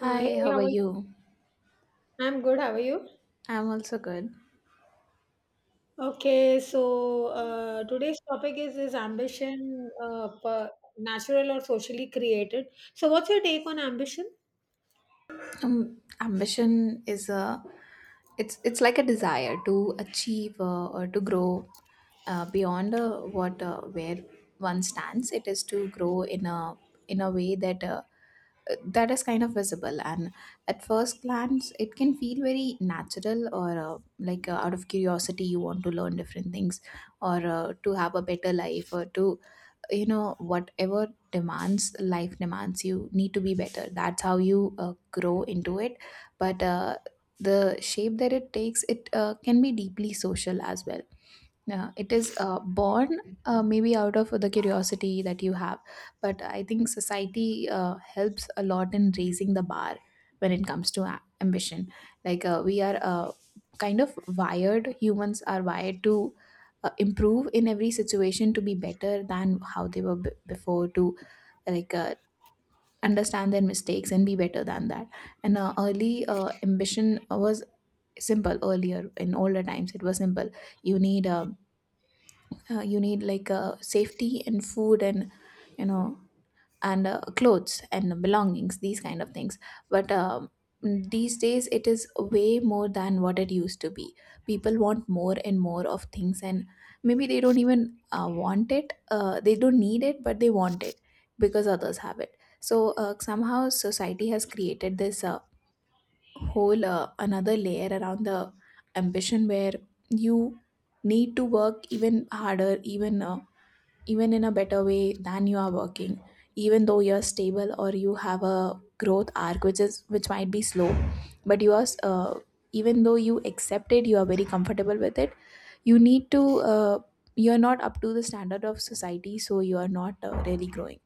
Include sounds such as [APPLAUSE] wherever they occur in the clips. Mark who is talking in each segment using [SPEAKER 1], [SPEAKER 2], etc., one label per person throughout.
[SPEAKER 1] Hi,
[SPEAKER 2] Hey,
[SPEAKER 1] how
[SPEAKER 2] how
[SPEAKER 1] are
[SPEAKER 2] are you?
[SPEAKER 1] you?
[SPEAKER 2] I'm good. How are you?
[SPEAKER 1] I'm also good.
[SPEAKER 2] Okay, so today's topic is ambition, natural or socially created. So, what's your take on ambition?
[SPEAKER 1] Ambition is a it's like a desire to achieve or to grow beyond what where one stands. It is to grow in a way that that is kind of visible, and at first glance it can feel very natural. Or like out of curiosity, you want to learn different things, or to have a better life, or to, you know, whatever demands life demands, you need to be better. That's how you grow into it. But the shape that it takes, it can be deeply social as well. Yeah, it is born maybe out of the curiosity that you have, but I think society helps a lot in raising the bar when it comes to ambition. Like we are kind of wired, humans are wired to improve in every situation, to be better than how they were before, to like understand their mistakes and be better than that. And early ambition was simple. Earlier, in older times, it was simple. You need you need, like safety and food and, you know, and clothes and belongings, these kind of things. But these days it is way more than what it used to be. People want more and more of things, and maybe they don't even want it. They don't need it, but they want it because others have it. So somehow society has created this whole another layer around the ambition, where you need to work even harder, even even in a better way than you are working. Even though you're stable, or you have a growth arc which is which might be slow, but you are even though you accept it, you are very comfortable with it, you need to uh, you are not up to the standard of society, so you are not really growing.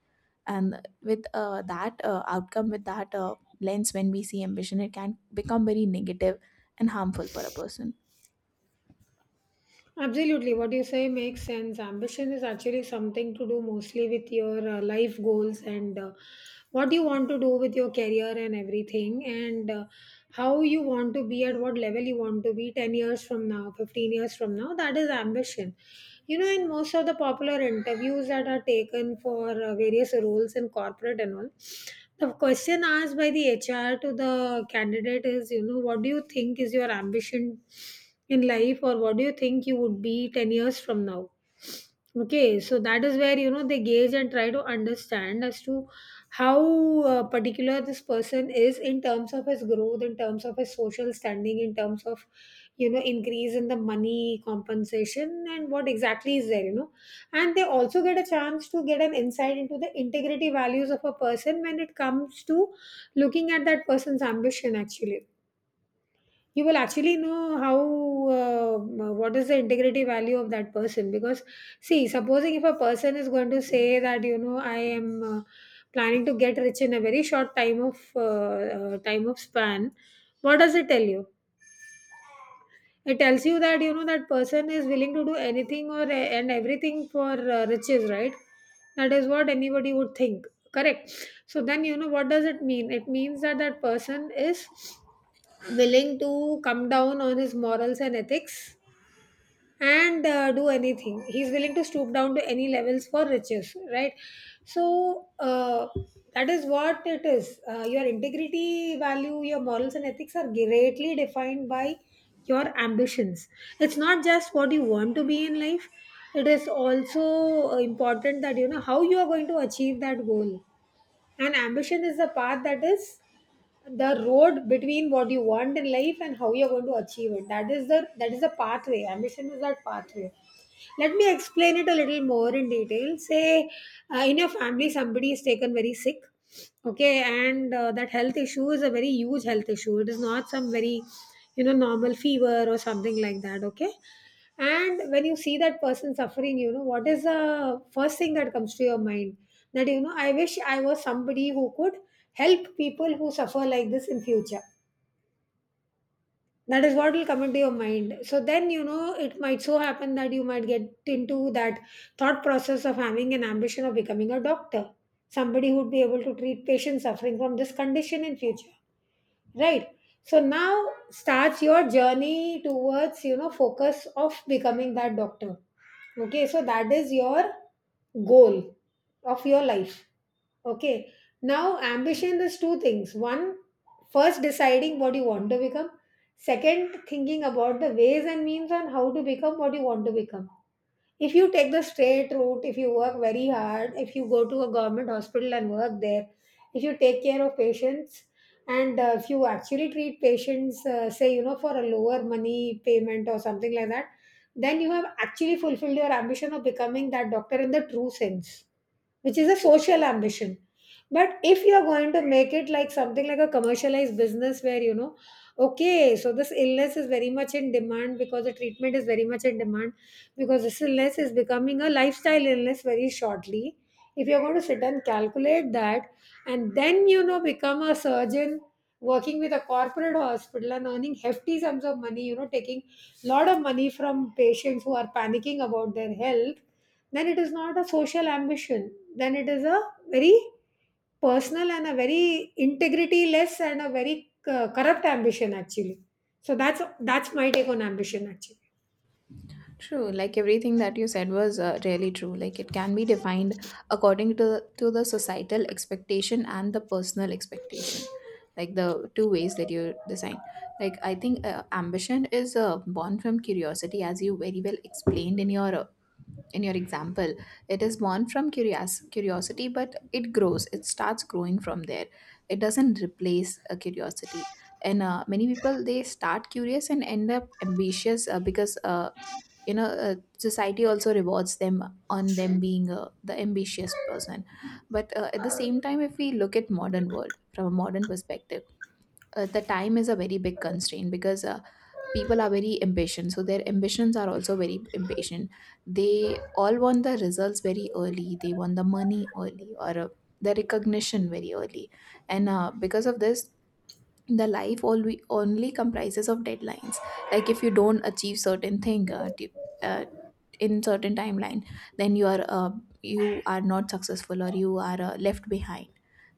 [SPEAKER 1] And with that outcome, with that lens, when we see ambition, it can become very negative and harmful for a person.
[SPEAKER 2] Absolutely, what you say makes sense. Ambition is actually something to do mostly with your life goals, and what you want to do with your career and everything, and how you want to be, at what level you want to be 10 years from now, 15 years from now. That is ambition. You know, in most of the popular interviews that are taken for various roles in corporate and all, the question asked by the HR to the candidate is, you know, what do you think is your ambition in life? Or what do you think you would be 10 years from now? Okay, so that is where, you know, they gauge and try to understand as to how particular this person is, in terms of his growth, in terms of his social standing, in terms of, you know, increase in the money compensation, and what exactly is there, you know. And they also get a chance to get an insight into the integrity values of a person when it comes to looking at that person's ambition. Actually, you will actually know how what is the integrity value of that person. Because see, supposing if a person is going to say that, you know, I am planning to get rich in a very short time of span, what does it tell you? It tells you that, you know, that person is willing to do anything, or and everything for riches, right? That is what anybody would think. Correct. So then, you know, what does it mean? It means that that person is willing to come down on his morals and ethics, and do anything. He's willing to stoop down to any levels for riches, right? So that is what it is. Your integrity, value, your morals, and ethics are greatly defined by your ambitions. It's not just what you want to be in life. It is also important that you know how you are going to achieve that goal. And ambition is the path, that is the road between what you want in life and how you're going to achieve it. That is the pathway. Ambition is that pathway. Let me explain it a little more in detail. Say, in your family, somebody is taken very sick. Okay, and that health issue is a very huge health issue. It is not some very, you know, normal fever or something like that. Okay, and when you see that person suffering, you know what is the first thing that comes to your mind? That, you know, I wish I was somebody who could help people who suffer like this in future. That is what will come into your mind. So then, you know, it might so happen that you might get into that thought process of having an ambition of becoming a doctor, somebody who would be able to treat patients suffering from this condition in future, right? So now starts your journey towards, you know, focus of becoming that doctor. Okay, so that is your goal of your life. Okay. Now, ambition is two things. One, first deciding what you want to become. Second, thinking about the ways and means on how to become what you want to become. If you take the straight route, if you work very hard, if you go to a government hospital and work there, if you take care of patients, and if you actually treat patients, say, you know, for a lower money payment or something like that, then you have actually fulfilled your ambition of becoming that doctor in the true sense, which is a social ambition. But if you're going to make it like something like a commercialized business where, you know, okay, so this illness is very much in demand because the treatment is very much in demand, because this illness is becoming a lifestyle illness very shortly. If you're going to sit and calculate that, and then, you know, become a surgeon working with a corporate hospital and earning hefty sums of money, you know, taking lot of money from patients who are panicking about their health, then it is not a social ambition. Then it is a very personal and a very integrity less and a very corrupt ambition actually. So that's my take on ambition actually.
[SPEAKER 1] True, like everything that you said was really true. Like, it can be defined according to the societal expectation and the personal expectation, like the two ways that you design. Like, I think ambition is born from curiosity, as you very well explained in your example. It is born from curiosity, but it grows, it starts growing from there. It doesn't replace a curiosity. And many people, they start curious and end up ambitious, because society also rewards them on them being the ambitious person. But at the same time, if we look at modern world from a modern perspective, the time is a very big constraint, because people are very impatient, so their ambitions are also very impatient. They all want the results very early, they want the money early, or the recognition very early. And because of this, the life only comprises of deadlines. Like, if you don't achieve certain thing uh, in certain timeline, then you are not successful, or you are left behind,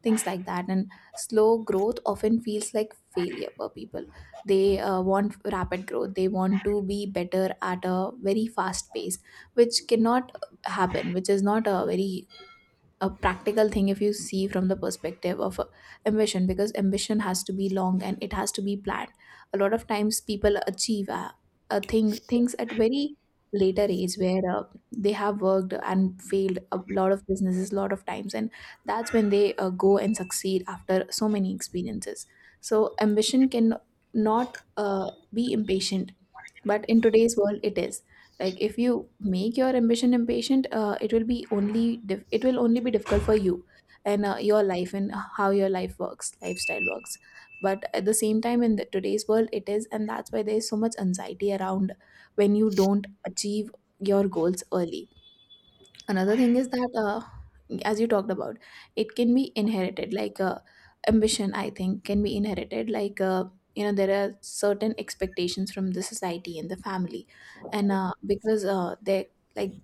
[SPEAKER 1] things like that. And slow growth often feels like failure for people. They want rapid growth, they want to be better at a very fast pace, which cannot happen, which is not a very a practical thing if you see from the perspective of ambition, because ambition has to be long and it has to be planned. A lot of times people achieve a thing things at very later age, where they have worked and failed a lot of businesses a lot of times, and that's when they go and succeed after so many experiences. So ambition can not be impatient, but in today's world it is. Like, if you make your ambition impatient, it will only be difficult for you and your life, and how your life works lifestyle works. But at the same time, in the, today's world it is, and that's why there is so much anxiety around when you don't achieve your goals early. Another thing is that as you talked about, it can be inherited. Like ambition, I think, can be inherited. Like you know, there are certain expectations from the society and the family. And because they, like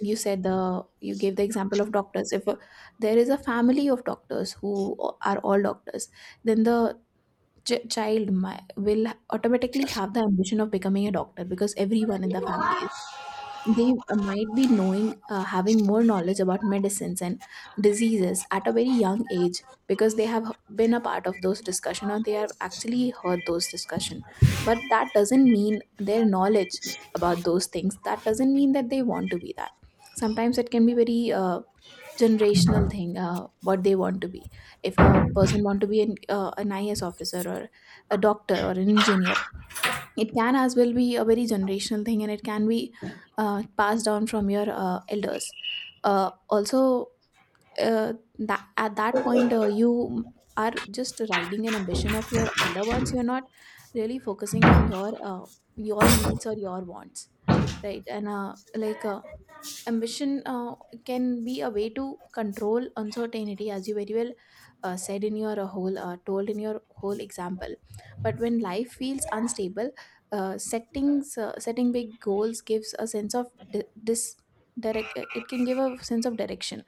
[SPEAKER 1] you said, the, you gave the example of doctors. If there is a family of doctors who are all doctors, then the will automatically have the ambition of becoming a doctor, because everyone in the family, they might be knowing having more knowledge about medicines and diseases at a very young age, because they have been a part of those discussion, or they have actually heard those discussion. But that doesn't mean their knowledge about those things, that doesn't mean that they want to be that. Sometimes it can be very generational thing, what they want to be. If a person want to be an IS officer, or a doctor, or an engineer, it can as well be a very generational thing, and it can be passed down from your elders also uh, that at that point, you are just riding an ambition of your elder ones. You're not really focusing on your needs or your wants, right? And like ambition can be a way to control uncertainty, as you very well said in your whole told in your whole example. But when life feels unstable, setting big goals gives a sense of di- dis- direct it can give a sense of direction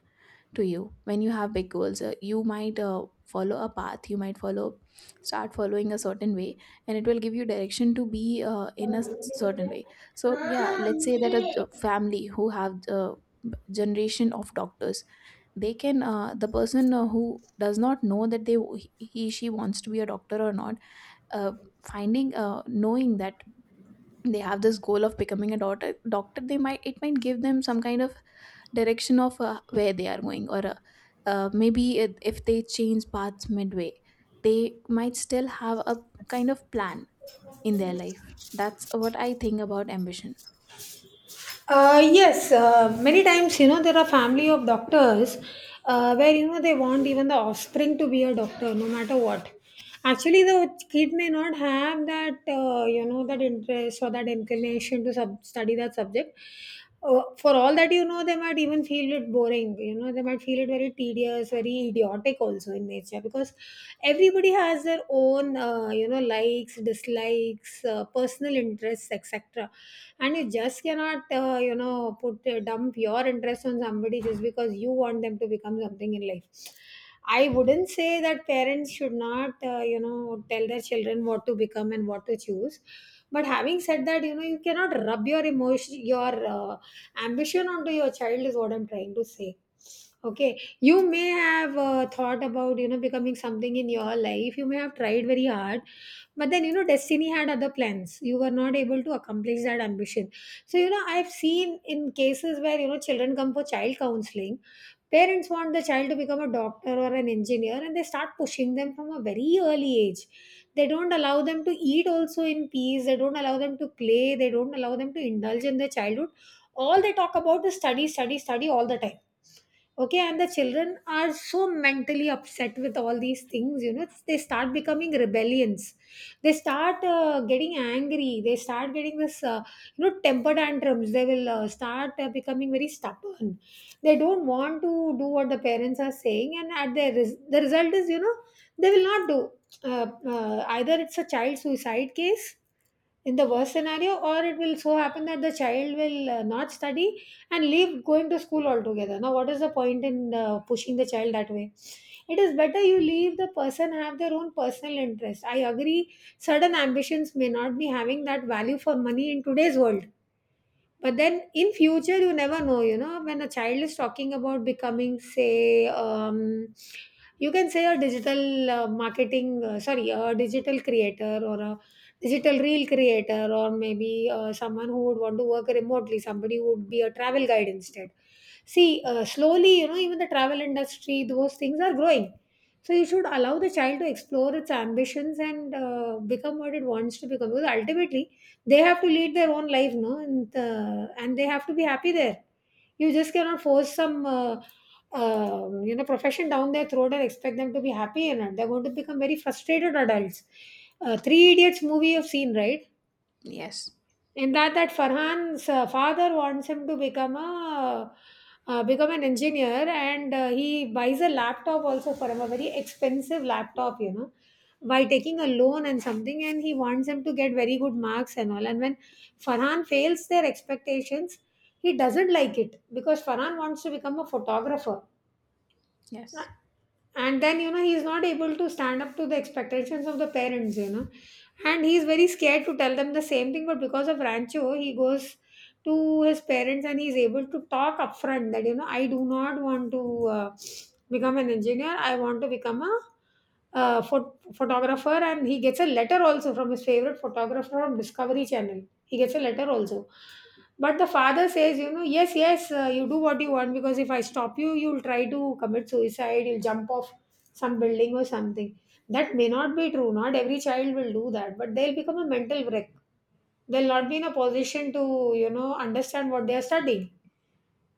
[SPEAKER 1] to you. When you have big goals, you might follow a path you might follow start following a certain way, and it will give you direction to be certain way. So yeah, let's say that a family who have generation of doctors, they can the person who does not know that they he she wants to be a doctor or not, uh, finding knowing that they have this goal of becoming a doctor, they might it might give them some kind of direction of where they are going, or if they change paths midway, they might still have a kind of plan in their life. That's what I think about ambition.
[SPEAKER 2] Yes, many times, you know, there are family of doctors, where, you know, they want even the offspring to be a doctor no matter what. Actually, the kid may not have that, you know, that interest or that inclination to study that subject. For all that you know, they might even feel it boring. You know, they might feel it very tedious, very idiotic also in nature, because everybody has their own, you know, likes, dislikes, personal interests, etc. And you just cannot, you know, put dump your interest on somebody just because you want them to become something in life. I wouldn't say that parents should not, you know, tell their children what to become and what to choose. But having said that, you know, you cannot rub your emotion, your ambition onto your child, is what I'm trying to say. Okay, you may have thought about, you know, becoming something in your life. You may have tried very hard, but then, you know, destiny had other plans. You were not able to accomplish that ambition. So, you know, I've seen in cases where, you know, children come for child counseling. Parents want the child to become a doctor or an engineer, and they start pushing them from a very early age. They don't allow them to eat also in peace. They don't allow them to play. They don't allow them to indulge in their childhood. All they talk about is study, study, study, all the time. Okay, and the children are so mentally upset with all these things, you know. They start becoming rebellions. They start getting angry. They start getting this, you know, temper tantrums. They will start becoming very stubborn. They don't want to do what the parents are saying, and at their the result is, you know, they will not do, uh, either it's a child suicide case in the worst scenario, or it will so happen that the child will not study and leave going to school altogether. Now what is the point in pushing the child that way? It is better you leave the person have their own personal interest. I agree, certain ambitions may not be having that value for money in today's world, but then in future you never know. You know, when a child is talking about becoming, say, you can say a digital marketing sorry a digital creator, or a digital reel creator, or maybe someone who would want to work remotely, somebody who would be a travel guide instead. See, slowly, you know, even the travel industry, those things are growing. So you should allow the child to explore its ambitions and become what it wants to become, because ultimately they have to lead their own life, no, and they have to be happy there. You just cannot force some, you know, profession down their throat and expect them to be happy in it. They're going to become very frustrated adults. Three Idiots movie you've seen, right?
[SPEAKER 1] Yes,
[SPEAKER 2] In that, that Farhan's father wants him to become a become an engineer, and he buys a laptop also for him, a very expensive laptop, you know, by taking a loan and something, and he wants him to get very good marks and all. And when Farhan fails their expectations, he doesn't like it, because Farhan wants to become a photographer.
[SPEAKER 1] yes.
[SPEAKER 2] And then, you know, he's not able to stand up to the expectations of the parents, you know, and he's very scared to tell them the same thing. But because of Rancho, he goes to his parents and he's able to talk upfront, that, you know, I do not want to become an engineer, I want to become a photographer. And he gets a letter also from his favorite photographer from Discovery Channel, he gets a letter also. But the father says, you know, yes, yes, you do what you want, because if I stop you, you'll try to commit suicide, you'll jump off some building or something. That may not be true. Not every child will do that, but they'll become a mental wreck. They'll not be in a position to, you know, understand what they are studying.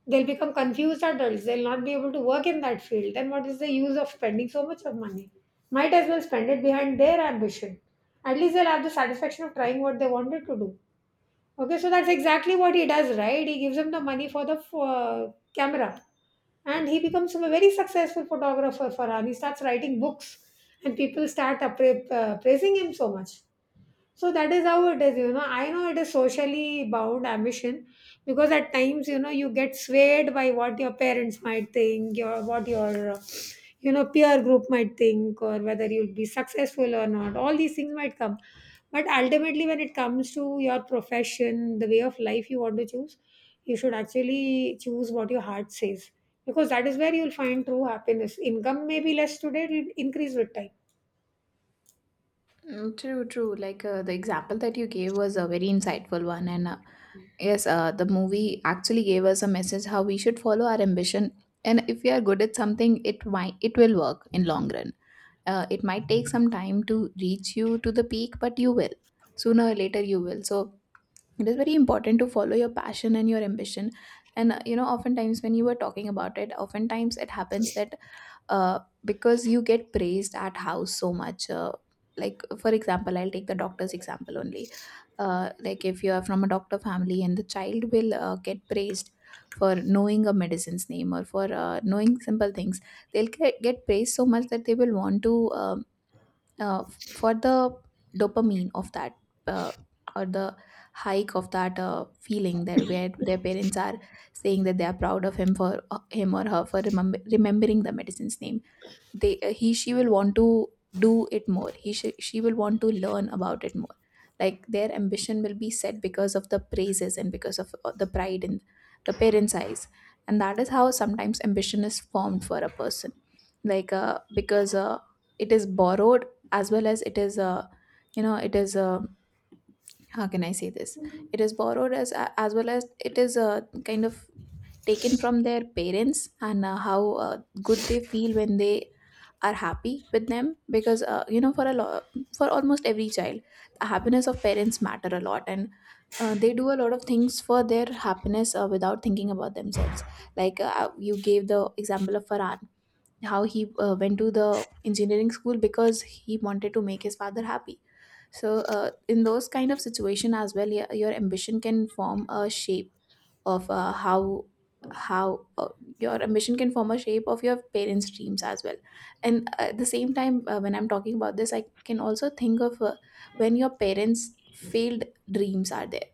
[SPEAKER 2] They'll become confused adults. They'll not be able to work in that field. Then what is the use of spending so much of money? Might as well spend it behind their ambition. At least they'll have the satisfaction of trying what they wanted to do. Okay, so that's exactly what he does, right? He gives him the money for the camera, and he becomes a very successful photographer. Farhan, he starts writing books, and people start praising him so much. So that is how it is, you know. I know it is socially bound ambition because at times, you know, you get swayed by what your parents might think, your what your you know peer group might think, or whether you'll be successful or not. All these things might come, but ultimately, when it comes to your profession, the way of life you want to choose, you should actually choose what your heart says because that is where you'll find true happiness. Income may be less today; it will increase with time.
[SPEAKER 1] Mm, true, true. Like the example that you gave was a very insightful one. And yes, the movie actually gave us a message how we should follow our ambition. And if we are good at something, it might, it will work in long run. It might take some time to reach you to the peak, but you will sooner or later you will. So it is very important to follow your passion and your ambition. And you know, oftentimes when you were talking about it, oftentimes it happens that uh, because you get praised at house so much, like for example I'll take the doctor's example only. Like, if you are from a doctor family, and the child will get praised for knowing a medicine's name, or for knowing simple things, they'll get praised so much that they will want to for the dopamine of that, uh, or the hike of that feeling, that where their parents are saying that they are proud of him, for him or her, for remembering the medicine's name, they he she will want to do it more. He she will want to learn about it more. Like, their ambition will be set because of the praises and because of the pride in the parents eyes. And that is how sometimes ambition is formed for a person. Like because it is borrowed, as well as it is it is how can I say this? It is borrowed as well as it is kind of taken from their parents and how uh, good they feel when they are happy with them, because for a lot for almost every child, the happiness of parents matter a lot, and they do a lot of things for their happiness without thinking about themselves. Like, you gave the example of Farhan, how he went to the engineering school because he wanted to make his father happy. So in those kind of situation as well, your ambition can form a shape of how your ambition can form a shape of your parents' dreams as well. And at the same time, when I'm talking about this, I can also think of when your parents' failed dreams are there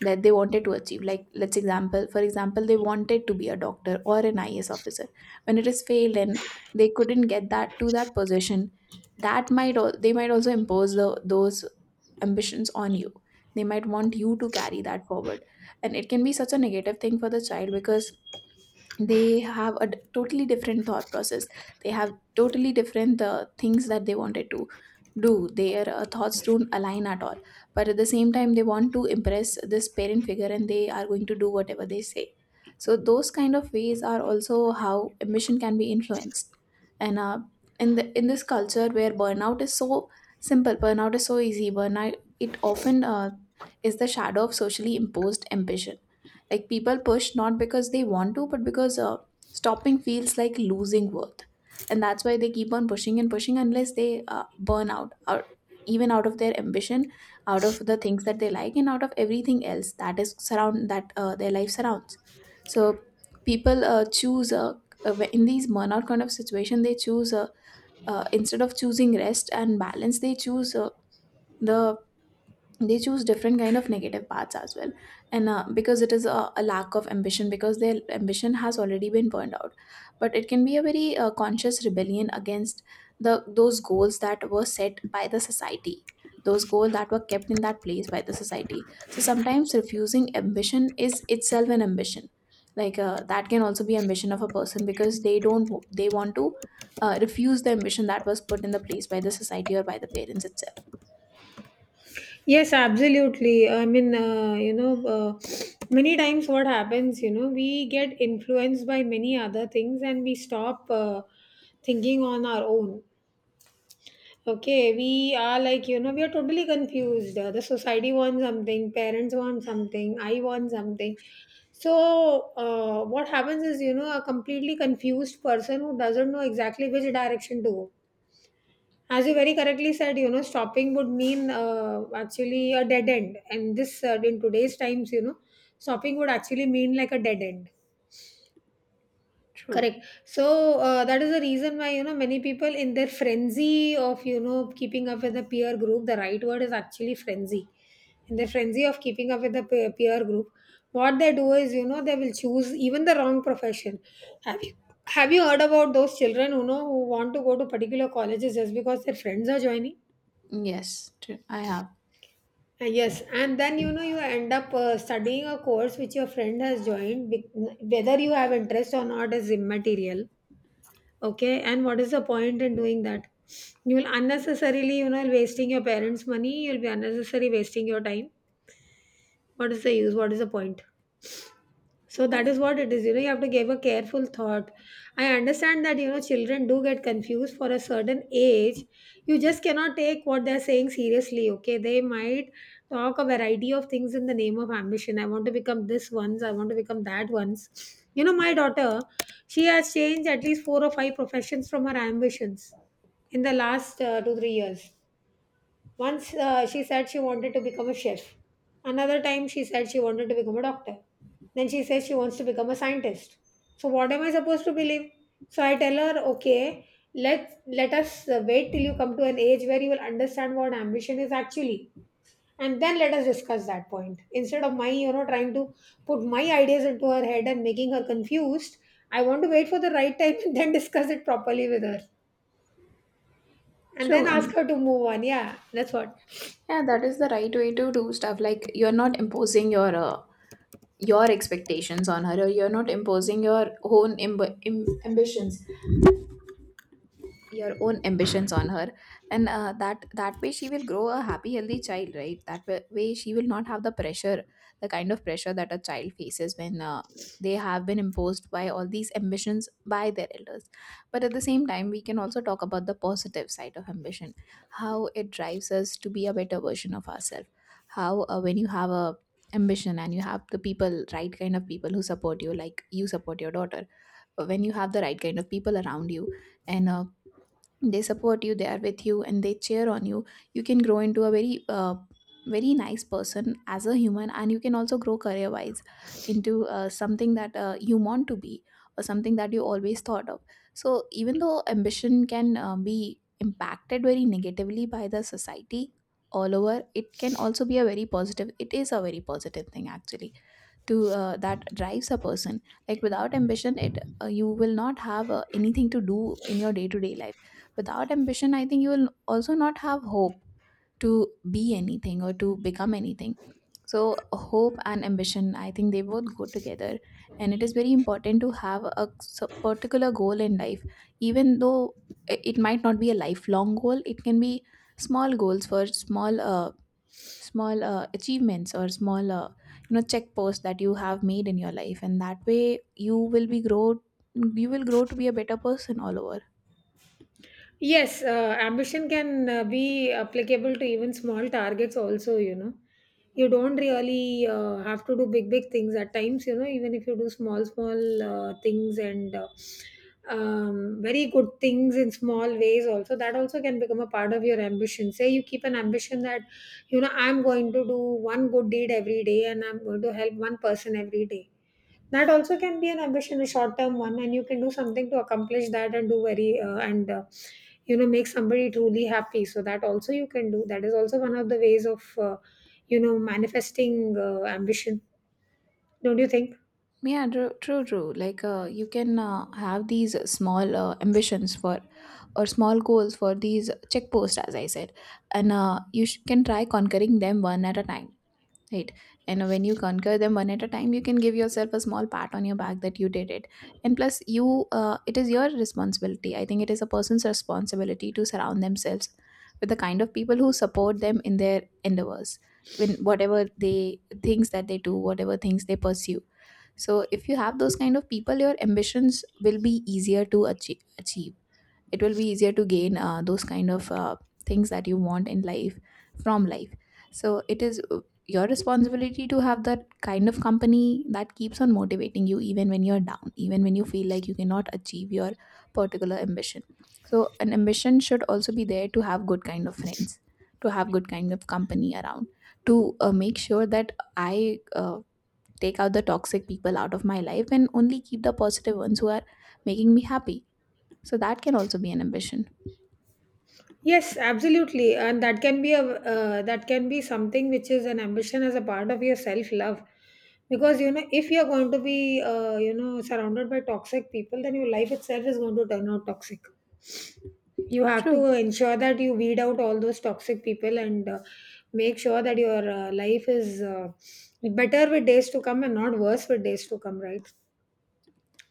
[SPEAKER 1] that they wanted to achieve. Like, let's example for example, they wanted to be a doctor or an IAS officer. When it is failed and they couldn't get that to that position, they might also impose those ambitions on you. They might want you to carry that forward, and it can be such a negative thing for the child because they have a totally different thought process. They have totally different things that they wanted to do. Their thoughts don't align at all, but at the same time they want to impress this parent figure, and they are going to do whatever they say. So those kind of ways are also how ambition can be influenced. And in the in this culture where burnout is so simple, burnout is so easy, burnout, it often is the shadow of socially imposed ambition. Like, people push not because they want to, but because stopping feels like losing worth. And that's why they keep on pushing and pushing unless they burn out, or even out of their ambition, out of the things that they like, and out of everything else that is surround that their life surrounds. So people choose, in these burnout kind of situation, they choose, instead of choosing rest and balance, they choose the they choose different kind of negative paths as well. And because it is a lack of ambition, because their ambition has already been burned out. But it can be a very conscious rebellion against the those goals that were set by the society, those goals that were kept in that place by the society. So sometimes refusing ambition is itself an ambition. Like, that can also be ambition of a person because they don't, they want to refuse the ambition that was put in the place by the society or by the parents itself.
[SPEAKER 2] Yes, absolutely. I mean, you know, many times what happens, you know, we get influenced by many other things and we stop thinking on our own. Okay, we are like, you know, we are totally confused. The society wants something, parents want something, I want something. So, what happens is, you know, a completely confused person who doesn't know exactly which direction to go, as you very correctly said, you know, stopping would mean actually a dead end. And this, in today's times, you know, stopping would actually mean like a dead end.
[SPEAKER 1] True.
[SPEAKER 2] Correct. So that is the reason why, you know, many people in their frenzy of, you know, keeping up with the peer group, the right word is actually frenzy. In their frenzy of keeping up with the peer group, what they do is, you know, they will choose even the wrong profession. Have you, have you heard about those children, you know, who want to go to particular colleges just because their friends are joining?
[SPEAKER 1] Yes, true, I have.
[SPEAKER 2] Yes, and then you know you end up studying a course which your friend has joined, whether you have interest or not is immaterial. Okay, and what is the point in doing that? You will unnecessarily, you know, wasting your parents' money. You'll be unnecessarily wasting your time. What is the use? What is the point? So that is what it is. You know, you have to give a careful thought. I understand that, you know, children do get confused for a certain age. You just cannot take what they're saying seriously, okay? They might talk a variety of things in the name of ambition. I want to become this once, I want to become that once. You know, my daughter, she has changed at least 4 or 5 professions from her ambitions in the last two, 3 years. Once she said she wanted to become a chef. Another time she said she wanted to become a doctor. Then she says she wants to become a scientist. So what am I supposed to believe? So I tell her, okay, let us wait till you come to an age where you will understand what ambition is actually, and then let us discuss that point. Instead of my, you know, trying to put my ideas into her head and making her confused, I want to wait for the right time [LAUGHS] and then discuss it properly with her, and
[SPEAKER 1] True,
[SPEAKER 2] then ask
[SPEAKER 1] and
[SPEAKER 2] her to move on. Yeah, that's what.
[SPEAKER 1] yeah, that is the right way to do stuff. Like, you're not imposing your expectations on her, or you're not imposing your own ambitions, your own ambitions on her. And that way she will grow a happy, healthy child, right? That way she will not have the pressure, the kind of pressure that a child faces when they have been imposed by all these ambitions by their elders. But at the same time, we can also talk about the positive side of ambition, how it drives us to be a better version of ourselves. How, when you have a ambition and you have the people right kind of people who support you, like you support your daughter, when you have the right kind of people around you, and they support you, they are with you, and they cheer on you, you can grow into a very very nice person as a human, and you can also grow career wise into something that you want to be, or something that you always thought of. So even though ambition can be impacted very negatively by the society, all over, it can also be a very positive it is a very positive thing actually, to that drives a person. Like, without ambition, it you will not have anything to do in your day to day life. Without ambition, I think you will also not have hope to be anything or to become anything. So hope and ambition, I think they both go together, and it is very important to have a particular goal in life. Even though it might not be a lifelong goal, it can be small goals for small achievements, or small, checkposts that you have made in your life, and that way you will be grow you will grow to be a better person all over.
[SPEAKER 2] Yes, ambition can be applicable to even small targets also, you know. You don't really have to do big, big things at times, you know, even if you do small, small things and very good things in small ways also, that also can become a part of your ambition. Say you keep an ambition that, you know, I'm going to do one good deed every day and I'm going to help one person every day, that also can be an ambition, a short-term one, and you can do something to accomplish that and do very and you know make somebody truly happy. So that also you can do. That is also one of the ways of you know manifesting ambition. Don't you think?
[SPEAKER 1] Yeah, true, true, true. Like, you can have these small ambitions for, or small goals for these checkposts, as I said. And you can try conquering them one at a time. Right. And when you conquer them one at a time, you can give yourself a small pat on your back that you did it. And plus, it is your responsibility. I think it is a person's responsibility to surround themselves with the kind of people who support them in their endeavors, when whatever they things that they do, whatever things they pursue. So if you have those kind of people, your ambitions will be easier to achieve. It will be easier to gain, those kind of things that you want in life from life. So it is, your responsibility to have that kind of company that keeps on motivating you, even when you're down, even when you feel like you cannot achieve your particular ambition. So an ambition should also be there to have good kind of friends, to have good kind of company around, to make sure that I take out the toxic people out of my life and only keep the positive ones who are making me happy. So that can also be an ambition.
[SPEAKER 2] Yes, absolutely, and that can be a that can be something which is an ambition as a part of your self-love, because you know if you're going to be you know surrounded by toxic people, then your life itself is going to turn out toxic. You have
[SPEAKER 1] True.
[SPEAKER 2] to ensure that you weed out all those toxic people and make sure that your life is better with days to come and not worse with days to come, right?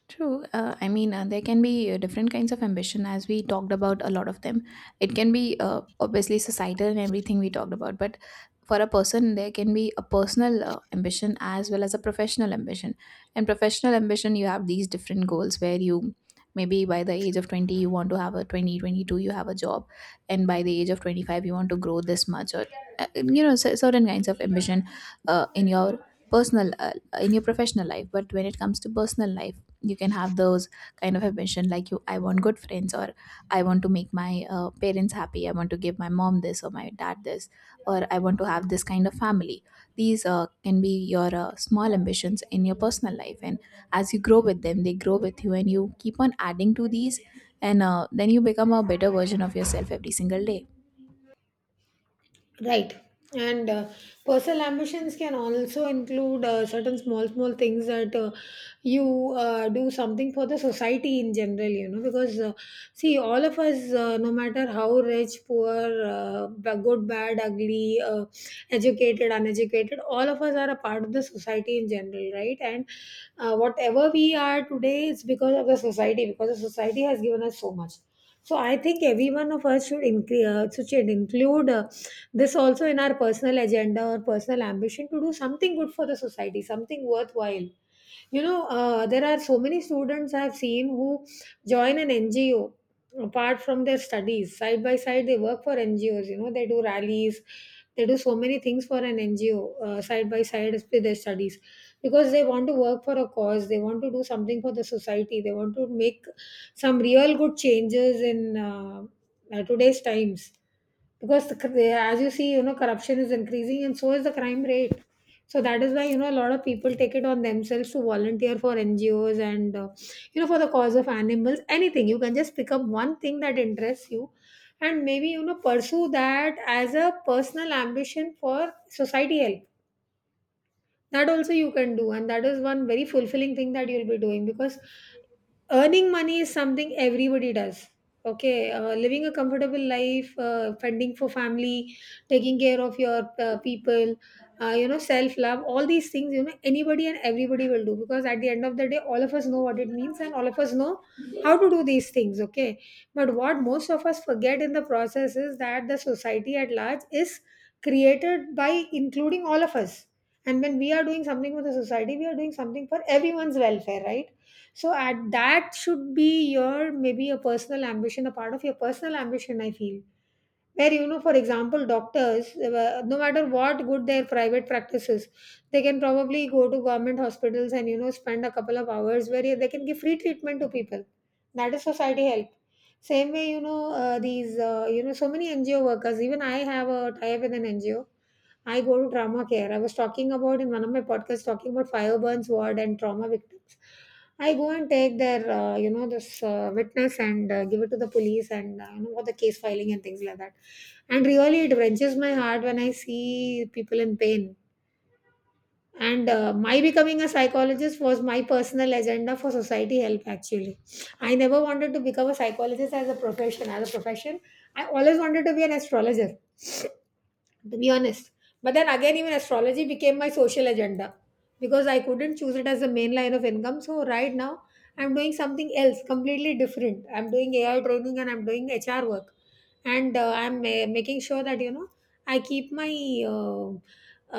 [SPEAKER 1] True. I mean, there can be different kinds of ambition, as we talked about a lot of them. It can be, obviously, societal and everything we talked about, but for a person, there can be a personal ambition as well as a professional ambition. And professional ambition, you have these different goals where you, maybe by the age of 20, you want to have a 2022, you have a job, and by the age of 25, you want to grow this much, or certain kinds of ambition in your personal in your professional life. But when it comes to personal life, you can have those kind of ambition, like you, I want good friends, or I want to make my parents happy, I want to give my mom this or my dad this, or I want to have this kind of family. These can be your small ambitions in your personal life, and as you grow with them, they grow with you, and you keep on adding to these, and then you become a better version of yourself every single day.
[SPEAKER 2] Right. And personal ambitions can also include certain small, small things that you do something for the society in general, you know, because see, all of us, no matter how rich, poor, good, bad, ugly, educated, uneducated, all of us are a part of the society in general, right? And whatever we are today is because of the society, because the society has given us so much. So I think every one of us should, should include. This also in our personal agenda or personal ambition to do something good for the society, something worthwhile. You know, there are so many students I've seen who join an NGO apart from their studies. Side by side they work for NGOs, you know, they do rallies, they do so many things for an NGO side by side with their studies, because they want to work for a cause, they want to do something for the society, they want to make some real good changes in today's times, because as you see, you know, corruption is increasing and so is the crime rate. So that is why, you know, a lot of people take it on themselves to volunteer for NGOs and you know for the cause of animals, anything. You can just pick up one thing that interests you and maybe you know pursue that as a personal ambition for society help. That also you can do, and that is one very fulfilling thing that you'll be doing, because earning money is something everybody does, okay? Living a comfortable life, funding for family, taking care of your people, you know, self love, all these things, you know, anybody and everybody will do, because at the end of the day all of us know what it means and all of us know how to do these things, okay? But what most of us forget in the process is that the society at large is created by including all of us, and when we are doing something for the society we are doing something for everyone's welfare, right? So at that should be your maybe a personal ambition, a part of your personal ambition, I feel. Where, you know, for example, doctors, no matter what good their private practice is, they can probably go to government hospitals and you know spend a couple of hours where they can give free treatment to people. That is society help. Same way, you know, these you know so many NGO workers. Even I have a tie up with an NGO. I go to trauma care. I was talking about in one of my podcasts talking about fire burns ward and trauma victims. I go and take their, you know, this witness and give it to the police and you know what the case filing and things like that. And really, it wrenches my heart when I see people in pain. And my becoming a psychologist was my personal agenda for society help. Actually, I never wanted to become a psychologist as a profession. As a profession, I always wanted to be an astrologer, to be honest. But then again, even astrology became my social agenda because I couldn't choose it as a main line of income. So right now, I'm doing something else completely different. I'm doing AI training and I'm doing HR work, and I'm making sure that you know I keep my uh,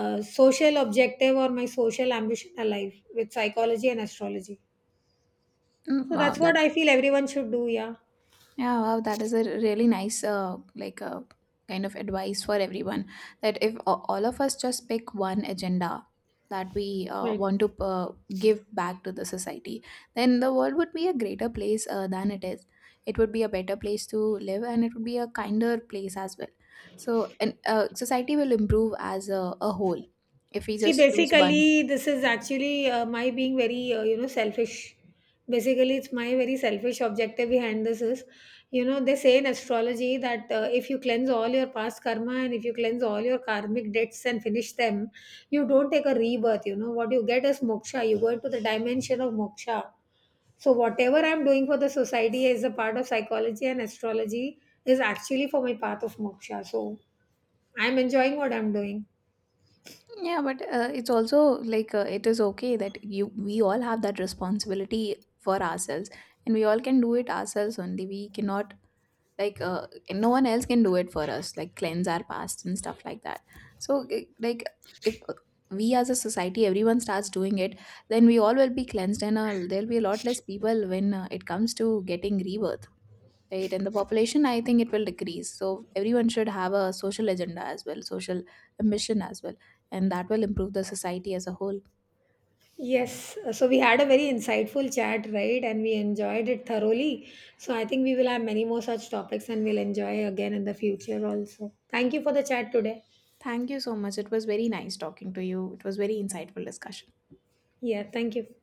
[SPEAKER 2] social objective or my social ambition alive with psychology and astrology.
[SPEAKER 1] Mm,
[SPEAKER 2] So
[SPEAKER 1] wow,
[SPEAKER 2] that's what
[SPEAKER 1] that...
[SPEAKER 2] I feel everyone should do. Yeah.
[SPEAKER 1] Yeah, wow, that is a really nice, like a kind of advice for everyone, that if a- all of us just pick one agenda that we
[SPEAKER 2] Right.
[SPEAKER 1] want to give back to the society, then the world would be a greater place than it is. It would be a better place to live, and it would be a kinder place as well. So, and society will improve as a whole if we
[SPEAKER 2] See,
[SPEAKER 1] just choose one.
[SPEAKER 2] basically, this is actually my being very, you know, selfish. Basically, it's my very selfish objective behind this is, you know, they say in astrology that if you cleanse all your past karma and if you cleanse all your karmic debts and finish them, you don't take a rebirth. You know, what you get is moksha. You go into the dimension of moksha. So, whatever I'm doing for the society is a part of psychology and astrology is actually for my path of moksha. So, I'm enjoying what I'm doing.
[SPEAKER 1] Yeah, but it's also like, it is okay that you we all have that responsibility for ourselves, and we all can do it ourselves only. We cannot, like, no one else can do it for us, like cleanse our past and stuff like that. So like, if we, as a society, everyone starts doing it, then we all will be cleansed, and there'll be a lot less people when it comes to getting rebirth, right? And the population, I think it will decrease. So everyone should have a social agenda as well, social mission as well, and that will improve the society as a whole.
[SPEAKER 2] Yes, so we had a very insightful chat, right? And we enjoyed it thoroughly. So I think we will have many more such topics and we'll enjoy again in the future also. Thank you for the chat today.
[SPEAKER 1] Thank you so much, it was very nice talking to you, it was very insightful discussion.
[SPEAKER 2] Yeah, thank you.